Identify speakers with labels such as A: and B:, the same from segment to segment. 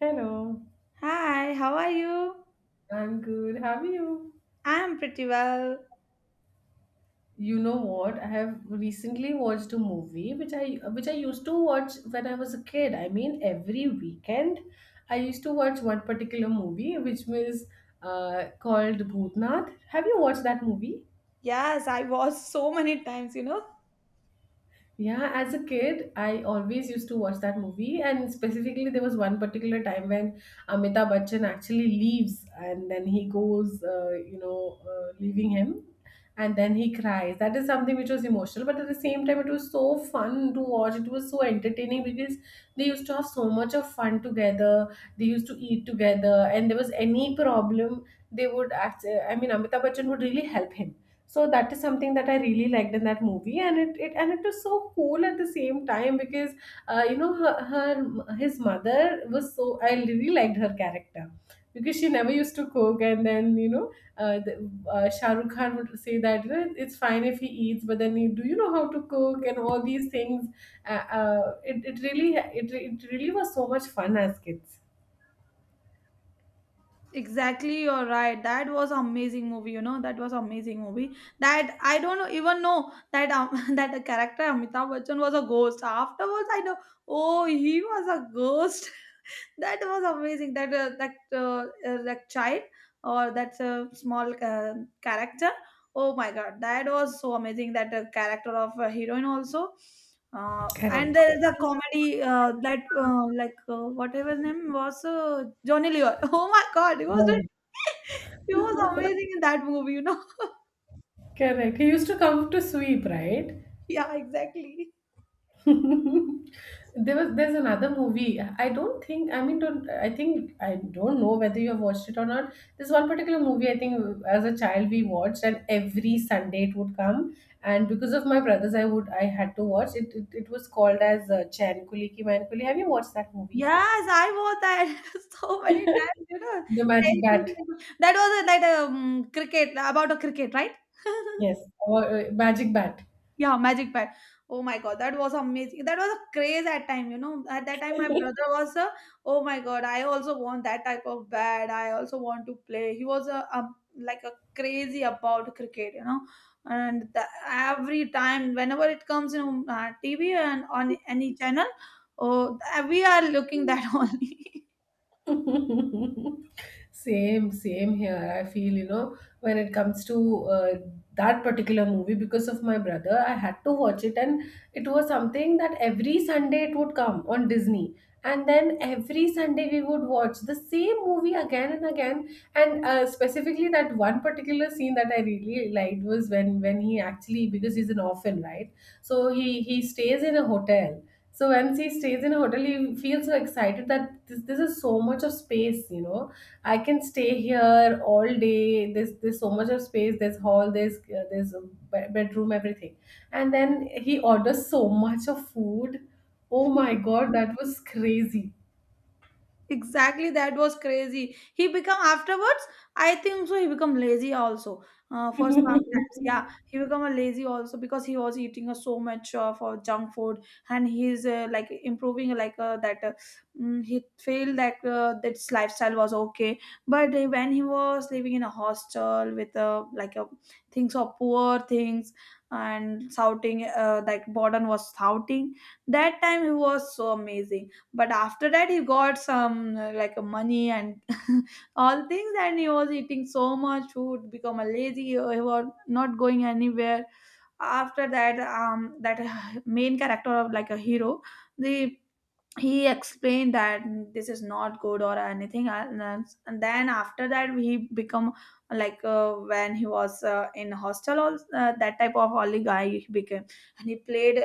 A: Hello,
B: Hi, how are you?
A: I'm good. How are you?
B: I'm pretty well.
A: You know what? I have recently watched a movie which I used to watch when I was a kid. I mean, every weekend I used to watch one particular movie which was called Bhootnath. Have you watched that movie?
B: Yes, I was so many times.
A: Yeah, as a kid, I always used to watch that movie, and specifically, there was one particular time when Amitabh Bachchan actually leaves, and then he goes, leaving him, and then he cries. That is something which was emotional, but at the same time, it was so fun to watch. It was so entertaining because they used to have so much of fun together. They used to eat together, and there was any problem, they would act. I mean, Amitabh Bachchan would really help him, so that is something that I really liked in that movie, and it was so cool at the same time because you know her, her his mother was so, I really liked her character because she never used to cook, and then uh, the, Shah Rukh Khan would say that, it's fine if he eats, but then do you know how to cook and all these things. It really was so much fun as kids.
B: Exactly, you're right. That was amazing movie. That was amazing movie. That I don't know- even know that that the character Amitabh Bachchan was a ghost. Afterwards, I know. Oh, he was a ghost. That was amazing. That child or that small character. Oh my God, that was so amazing. That character of heroine also. And
A: Correct.
B: there is a comedy that like whatever his name was Johnny Lever. Oh my God, he was doing-
A: Right.
B: He was amazing in that movie. You know?
A: Correct. He used to come to sweep, right?
B: Yeah, exactly.
A: There's another movie. I don't think, I mean, don't, I think I don't know whether you have watched it or not. There's one particular movie, I think, as a child we watched, and every Sunday it would come. And because of my brothers, I had to watch it. It was called as Chan Kuli Ki Man Kuli. Have you watched that movie?
B: Yes, I watched that so many times.
A: The magic
B: Terrible,
A: bat.
B: terrible. That was a, like a cricket about a cricket, right?
A: Yes, or magic bat.
B: Yeah, Magic Pad. Oh my God, that was amazing. That was a craze at time. At that time, my brother was a, oh my God, I also want that type of bat. I also want to play. He was a like a crazy about cricket. And the, every time, whenever it comes in TV and on any channel, oh, we are looking that only.
A: Same here, I feel. When it comes to uh, that particular movie, because of my brother I had to watch it, and it was something that every Sunday it would come on Disney, and then every Sunday we would watch the same movie again and again. And specifically, that one particular scene that I really liked was when he actually, because he's an orphan, right, so he stays in a hotel. So once he stays in a hotel, he feels so excited that this is so much of space. I can stay here all day. There's so much of space. There's hall. There's a bedroom. Everything. And then he orders so much of food. Oh my God, that was crazy.
B: Exactly, that was crazy. He become afterwards. I think so, he become lazy also. For sometimes, yeah, he become a lazy also because he was eating so much of junk food, and he's like improving like that he felt that this lifestyle was okay. But when he was living in a hostel with like things of poor things, and shouting like burden was shouting, that time he was so amazing. But after that he got some like money and all things, and he was eating so much food, become a lazy. He was not going anywhere. After that that main character of, like, a hero, the, he explained that this is not good or anything, and then after that he become, like, when he was in hostel also, that type of only guy he became, and he played.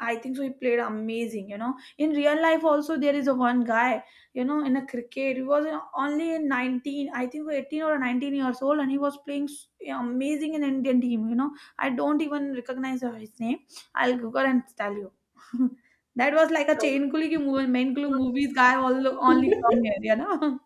B: I think so. He played amazing. In real life, also there is a one guy, In a cricket. He was only in 19, I think, so, 18 or 19 years old, and he was playing s- amazing in Indian team. I don't even recognize his name. I'll Google and tell you. That was like a chain kuli ki movie, main kulu movies guy all, only come here.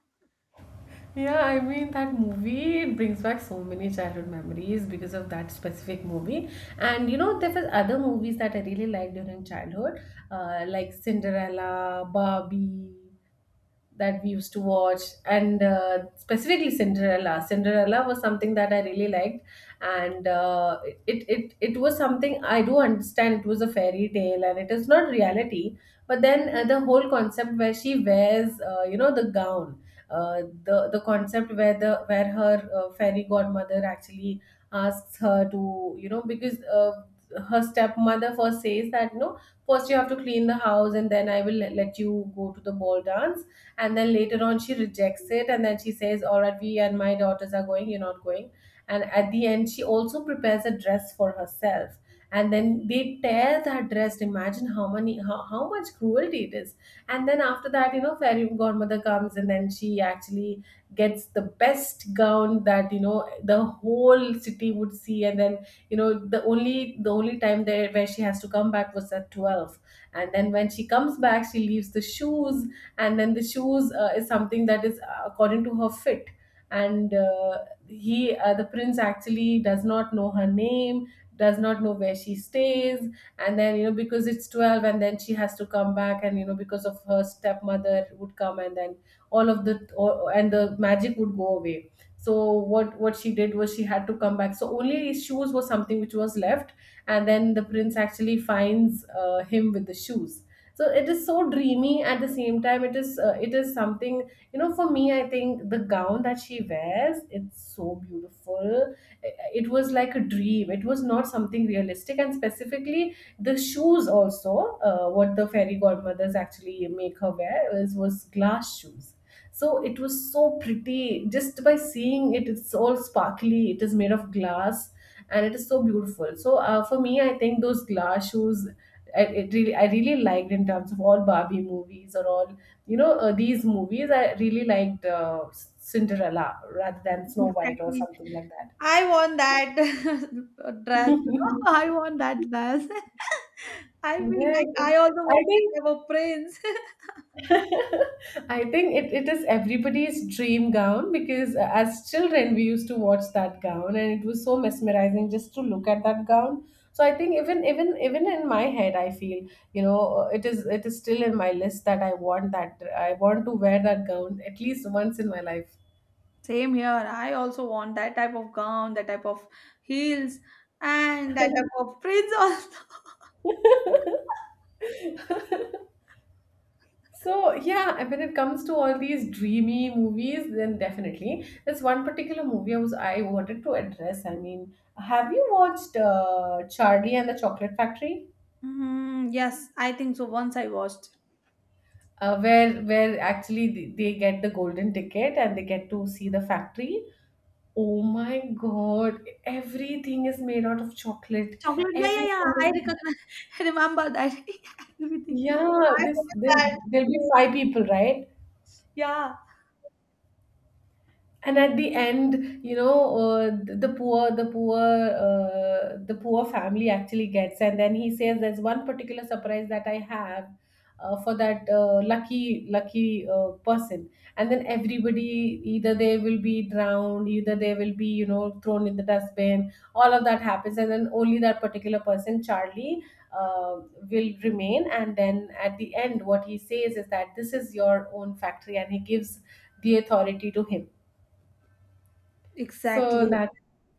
A: Yeah, I mean, that movie brings back so many childhood memories because of that specific movie. And there was other movies that I really liked during childhood, like Cinderella, Barbie, that we used to watch. And specifically, Cinderella was something that I really liked. And it was something, I do understand it was a fairy tale and it is not reality, but then the whole concept where she wears, the gown, the concept where the where her fairy godmother actually asks her to, because her stepmother first says that, no, first you have to clean the house, and then I will let you go to the ball dance. And then later on she rejects it, and then she says, all right, we and my daughters are going, you're not going. And at the end she also prepares a dress for herself, and then they tear that dress. Imagine how much cruelty it is. And then after that, fairy godmother comes, and then she actually gets the best gown that, the whole city would see. And then, the only time there where she has to come back was at 12. And then when she comes back, she leaves the shoes. And then the shoes, is something that is, according to her fit. And he the prince actually does not know her name, does not know where she stays. And then, because it's 12, and then she has to come back, and, because of her stepmother would come, and then all and the magic would go away. So what she did was, she had to come back, so only shoes was something which was left. And then the prince actually finds him with the shoes. So it is so dreamy, at the same time it is something, for me, I think the gown that she wears, it's so beautiful. It was like a dream, it was not something realistic. And specifically, the shoes also, what the fairy godmothers actually make her wear is was glass shoes. So it was so pretty just by seeing it. It's all sparkly. It is made of glass, and it is so beautiful. So, for me, I think those glass shoes, I really liked, in terms of all Barbie movies or all, these movies, I really liked Cinderella rather than Snow White or
B: Exactly.
A: something like that.
B: I want that dress. I want that dress. I feel
A: yeah,
B: like
A: it,
B: I also
A: I
B: want that
A: think
B: type of prince.
A: I think it, it is everybody's dream gown because, as children, we used to watch that gown and it was so mesmerizing just to look at that gown. So I think, even in my head, I feel, it is still in my list that I want to wear that gown at least once in my life.
B: Same here. I also want that type of gown, that type of heels, and that type of prince also.
A: So yeah, and when it comes to all these dreamy movies, then definitely there's one particular movie I wanted to address. I mean, have you watched Charlie and the Chocolate Factory?
B: Mm, yes, I think so. Once I watched.
A: Where actually they get the golden ticket and they get to see the factory. Oh my God! Everything is made out of chocolate.
B: Chocolate, yeah, yeah,
A: Everything.
B: yeah. I recognize, I remember that. Yeah, everything.
A: Yeah,
B: I
A: this,
B: remember
A: this
B: that.
A: there'll be five people, right?
B: Yeah,
A: And at the end, you know th- the poor the poor the poor family actually gets. And then he says there's one particular surprise that I have for that lucky person. And then everybody, either they will be drowned, either they will be, thrown in the dustbin, all of that happens. And then only that particular person, Charlie, uh, will remain. And then at the end what he says is that this is your own factory, and he gives the authority to him, so
B: exactly,
A: that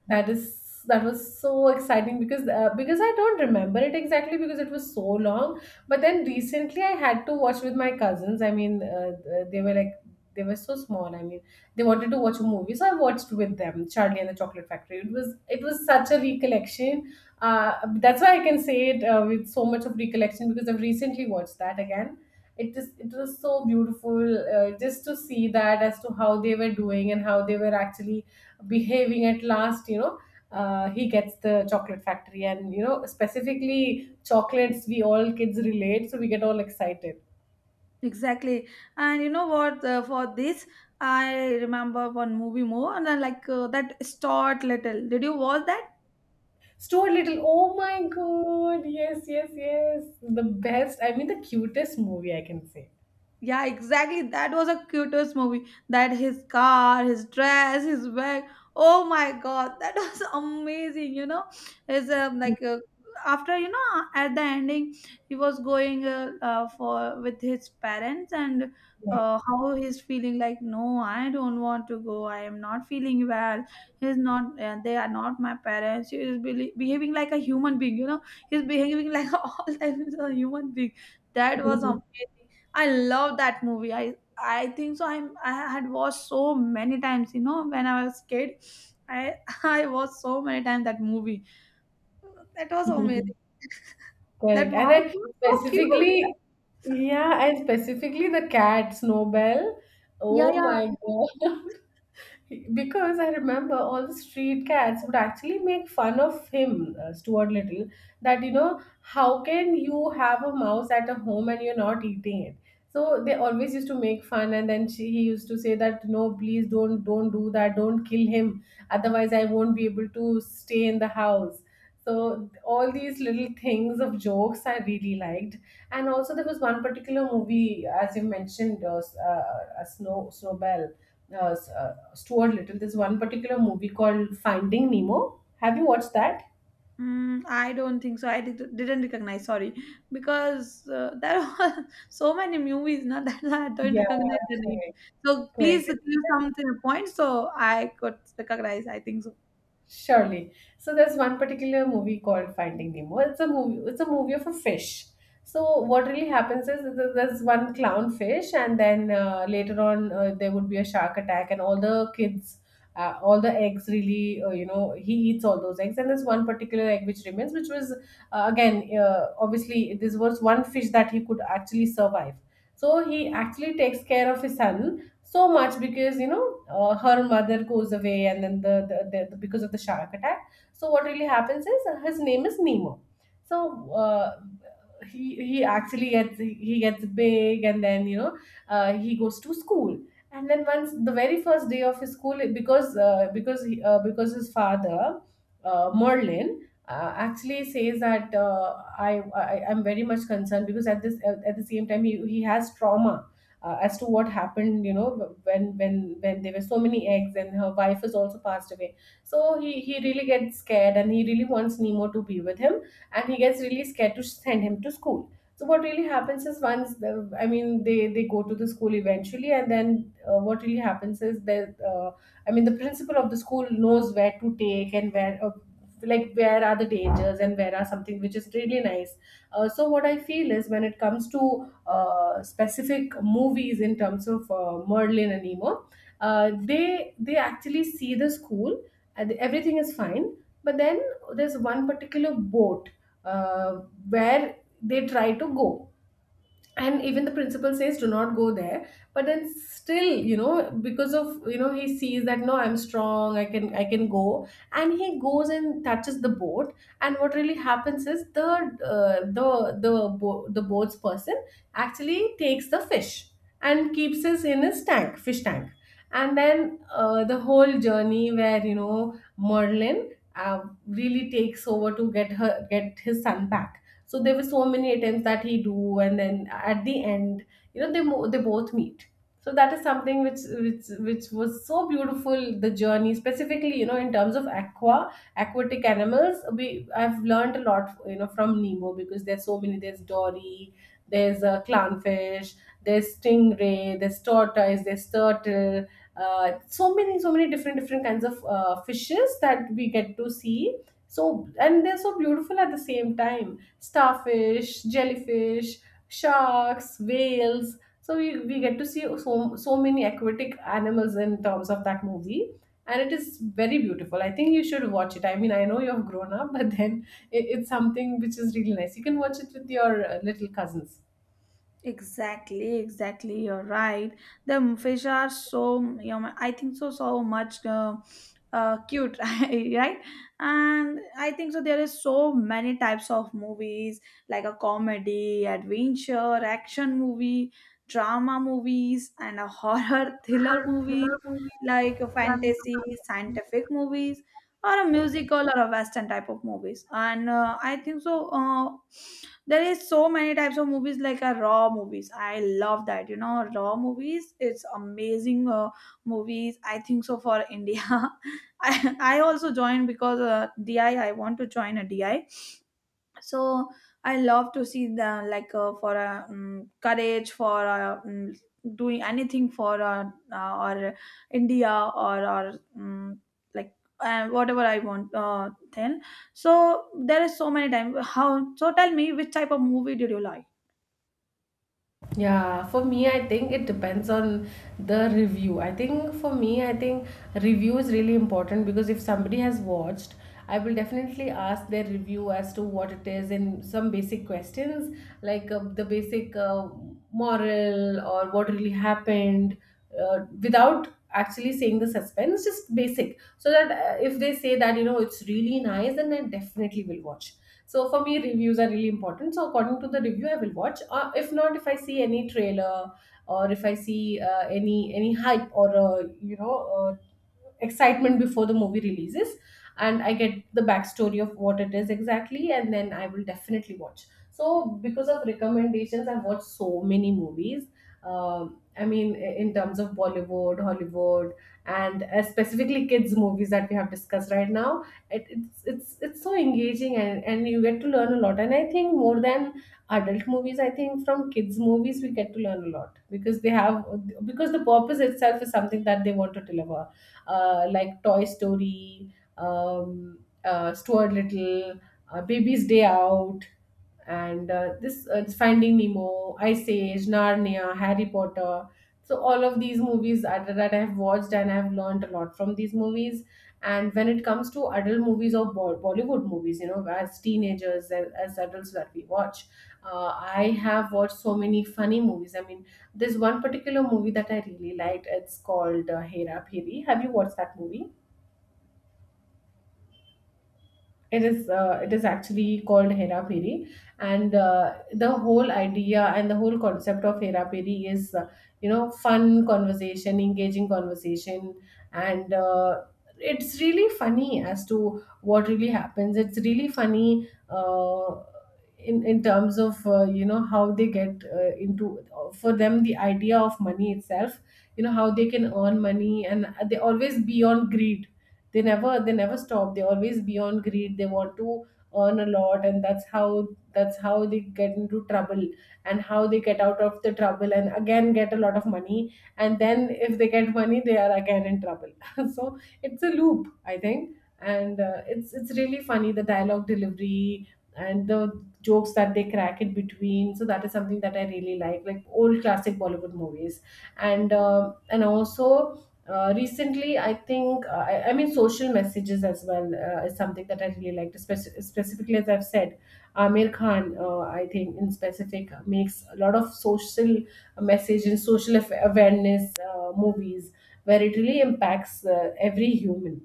A: that is that was so exciting. Because, because I don't remember it exactly because it was so long. But then recently I had to watch with my cousins. I mean, they were so small. I mean, they wanted to watch a movie, so I watched with them Charlie and the Chocolate Factory. It was such a recollection. That's why I can say it with so much of recollection, because I've recently watched that again. It was so beautiful, just to see that as to how they were doing and how they were actually behaving at last. He gets the chocolate factory, and, specifically chocolates, we all kids relate, so we get all excited.
B: exactly. And you know what? For this, I remember one movie more, and I like that Start Little. Did you watch that?
A: Store Little, oh my God, yes, yes, yes, the best, I mean, the cutest movie I can say.
B: Yeah, exactly. That was a cutest movie. That his car, his dress, his bag. Oh my God, that was amazing. His like after at the ending, he was going for with his parents, and
A: Yeah.
B: how he's feeling like, no, I don't want to go. I am not feeling well. He's not. They are not my parents. He is behaving like a human being. He's behaving like all times a human being. That was amazing. I love that movie. I think so. I had watched so many times. You know, when I was kid, I I watched so many times that movie. That was amazing. That
A: correct, and
B: mouse
A: I
B: was so cute.
A: specifically, yeah, and specifically the cat Snowbell,
B: Yeah,
A: oh
B: yeah.
A: my God. because I remember all the street cats would actually make fun of him, Stuart Little, that, how can you have a mouse at a home and you're not eating it? So they always used to make fun, and then he used to say that, no, please don't do that, don't kill him, otherwise I won't be able to stay in the house. So all these little things of jokes I really liked, and also there was one particular movie, as you mentioned, Snowbell, Stuart Little. There's one particular movie called Finding Nemo. Have you watched that?
B: Mm, I don't think so. I didn't recognize. Sorry, because there were so many movies now that I don't
A: Yeah,
B: recognize the name.
A: correct.
B: So please
A: Correct.
B: give some points so I could recognize. I think so.
A: Surely. So there's one particular movie called Finding Nemo. It's a movie. It's a movie of a fish. So what really happens is there's one clown fish, and then later on there would be a shark attack, and all the kids, all the eggs really, you know, he eats all those eggs, and there's one particular egg which remains, which was again obviously this was one fish that he could actually survive. So he actually takes care of his son so much because her mother goes away, and then the because of the shark attack. So what really happens is, his name is Nemo. so uh, he actually gets, he gets big, and then you know, he goes to school. And then once, the very first day of his school, because because his father, Merlin, actually says that, I'm very much concerned, because at at the same time he has trauma as to what happened, you know, when when there were so many eggs and her wife has also passed away. So he really gets scared, and he really wants Nemo to be with him, and he gets really scared to send him to school. So what really happens is, once I mean, they go to the school eventually, and then what really happens is that, I mean, the principal of the school knows where to take and where. Like where are the dangers and where are something which is really nice. So what I feel is, when it comes to specific movies in terms of Merlin and Nemo, they actually see the school and everything is fine, but then there's one particular boat, uh, where they try to go. And even the principal says do not go there, but then still, you know, because of, you know, he sees that no, I'm strong, I can go. And he goes and touches the boat. And what really happens is, the the boat's person actually takes the fish and keeps it in his tank, fish tank. And then the whole journey where, you know, Merlin really takes over to get his son back. So there were so many attempts that he do, and then at the end, you know, they both meet. So that is something which which was so beautiful. The journey, specifically, you know, in terms of aquatic animals, we I've learned a lot, you know, from Nemo, because there's so many. There's Dory, there's clownfish, there's stingray, there's tortoise, there's turtle. So many, so many different kinds of fishes that we get to see. So, and they're so beautiful. At the same time, starfish, jellyfish, sharks, whales. So we get to see so, so many aquatic animals in terms of that movie. And it is very beautiful. I think you should watch it. I mean, I know you have grown up, but then it's something which is really nice. You can watch it with your little cousins.
B: Exactly, exactly. You're right. The fish are so, I think so, so much cute, right? And I think so. There is so many types of movies, like a comedy, adventure, action movie, drama movies, and a horror thriller movie, like a fantasy, scientific movies, or a musical or a western type of movies. And I think so. There is so many types of movies, like a raw movies. I love that, raw movies. It's amazing. Movies, I think so, for India. I also joined because di I want to join a di, so I love to see the, like, for courage, for doing anything for or India, or like whatever I want then, so there is so many time how. So tell me, which type of movie did you like?
A: Yeah, for me, I think it depends on the review. I think for me, I think review is really important, because if somebody has watched, I will definitely ask their review as to what it is, and some basic questions like, the basic, moral, or what really happened, without actually saying the suspense, just basic. So that, if they say that, you know, it's really nice, then I definitely will watch. So for me, reviews are really important. So according to the review, I will watch. If not, if I see any trailer, or if I see any hype, or uh, excitement before the movie releases, and I get the backstory of what it is exactly, and then I will definitely watch. So because of recommendations, I've watched so many movies. Um, I mean, in terms of Bollywood, Hollywood, and specifically kids' movies that we have discussed right now, it's so engaging, and you get to learn a lot. And I think more than adult movies, I think from kids movies we get to learn a lot, because they have, because the purpose itself is something that they want to deliver. Like Toy Story, Stuart Little, Baby's Day Out, and this, Finding Nemo, Ice Age, Narnia, Harry Potter. So all of these movies that I have watched, and I have learned a lot from these movies. And when it comes to adult movies or Bollywood movies, you know, as teenagers, as adults that we watch, I have watched so many funny movies. I mean, there's one particular movie that I really liked. It's called Hera Phiri. Have you watched that movie? It is actually called Hera Peri, and the whole idea and the whole concept of Hera Peri is, you know, fun conversation, engaging conversation, and it's really funny as to what really happens. It's really funny. In terms of, you know, how they get into for them the idea of money itself, you know, how they can earn money, and they always be on greed. They never stop, they always be on greed, they want to earn a lot, and that's how, that's how they get into trouble. And how they get out of the trouble, and again get a lot of money, and then if they get money they are again in trouble. So it's a loop, I think. And it's really funny, the dialogue delivery and the jokes that they crack it between. So that is something that I really like old classic Bollywood movies. And um, and also recently I think, I mean, social messages as well is something that I really liked. Specifically, as I've said, Amir Khan, I think in specific, makes a lot of social message and social awareness movies, where it really impacts every human.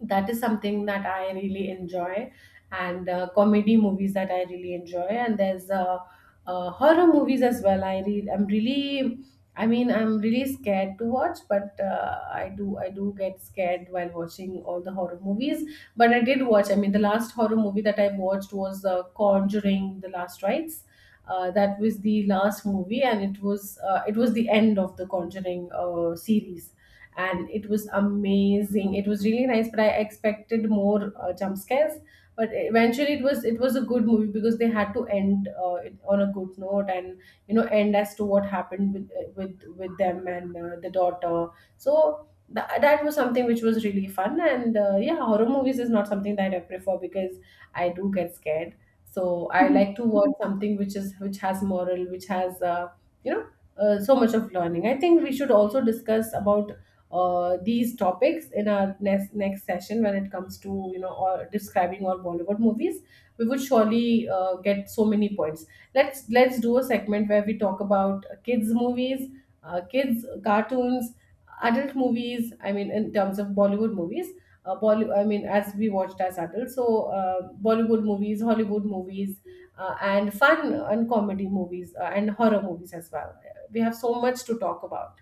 A: That is something that I really enjoy, and comedy movies that I really enjoy. And there's horror movies as well. I'm really, I mean, I'm really scared to watch, but I do get scared while watching all the horror movies. But I did watch. I mean, the last horror movie that I watched was Conjuring: The Last Rites. That was the last movie, and it was the end of the Conjuring series. And it was amazing, it was really nice, but I expected more jump scares. But eventually it was, it was a good movie, because they had to end it on a good note, and you know, end as to what happened with with them and the daughter. So that was something which was really fun. And yeah, horror movies is not something that I prefer, because I do get scared. So I like to watch something which is, which has moral, which has, you know, so much of learning. I think we should also discuss about these topics in our next session, when it comes to, you know, or describing all Bollywood movies, we would surely get so many points. Let's do a segment where we talk about kids movies, kids cartoons, adult movies. I mean, in terms of Bollywood movies. I mean, as we watched as adults, so Bollywood movies, Hollywood movies, and fun and comedy movies and horror movies as well. We have so much to talk about.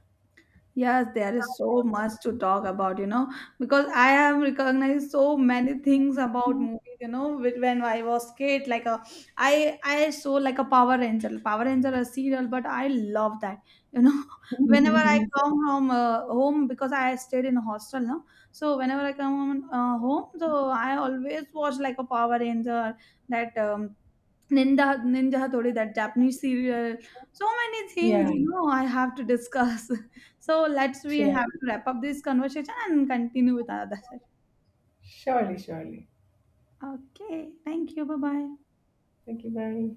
B: Yes, there is so much to talk about, because I have recognized so many things about movies, when I was kid, like a, I saw like a Power Ranger, Power Ranger a serial, but I love that, you know, whenever I come from home, because I stayed in a hostel now, so whenever I come home, so I always watch like a Power Ranger, that Ninja Hattori, that Japanese serial. So many things,
A: Yeah,
B: you know, I have to discuss. So let's we have
A: surely.
B: to wrap up this conversation and continue with another session.
A: Surely, surely.
B: Okay, thank you. Bye bye.
A: Thank you, bye.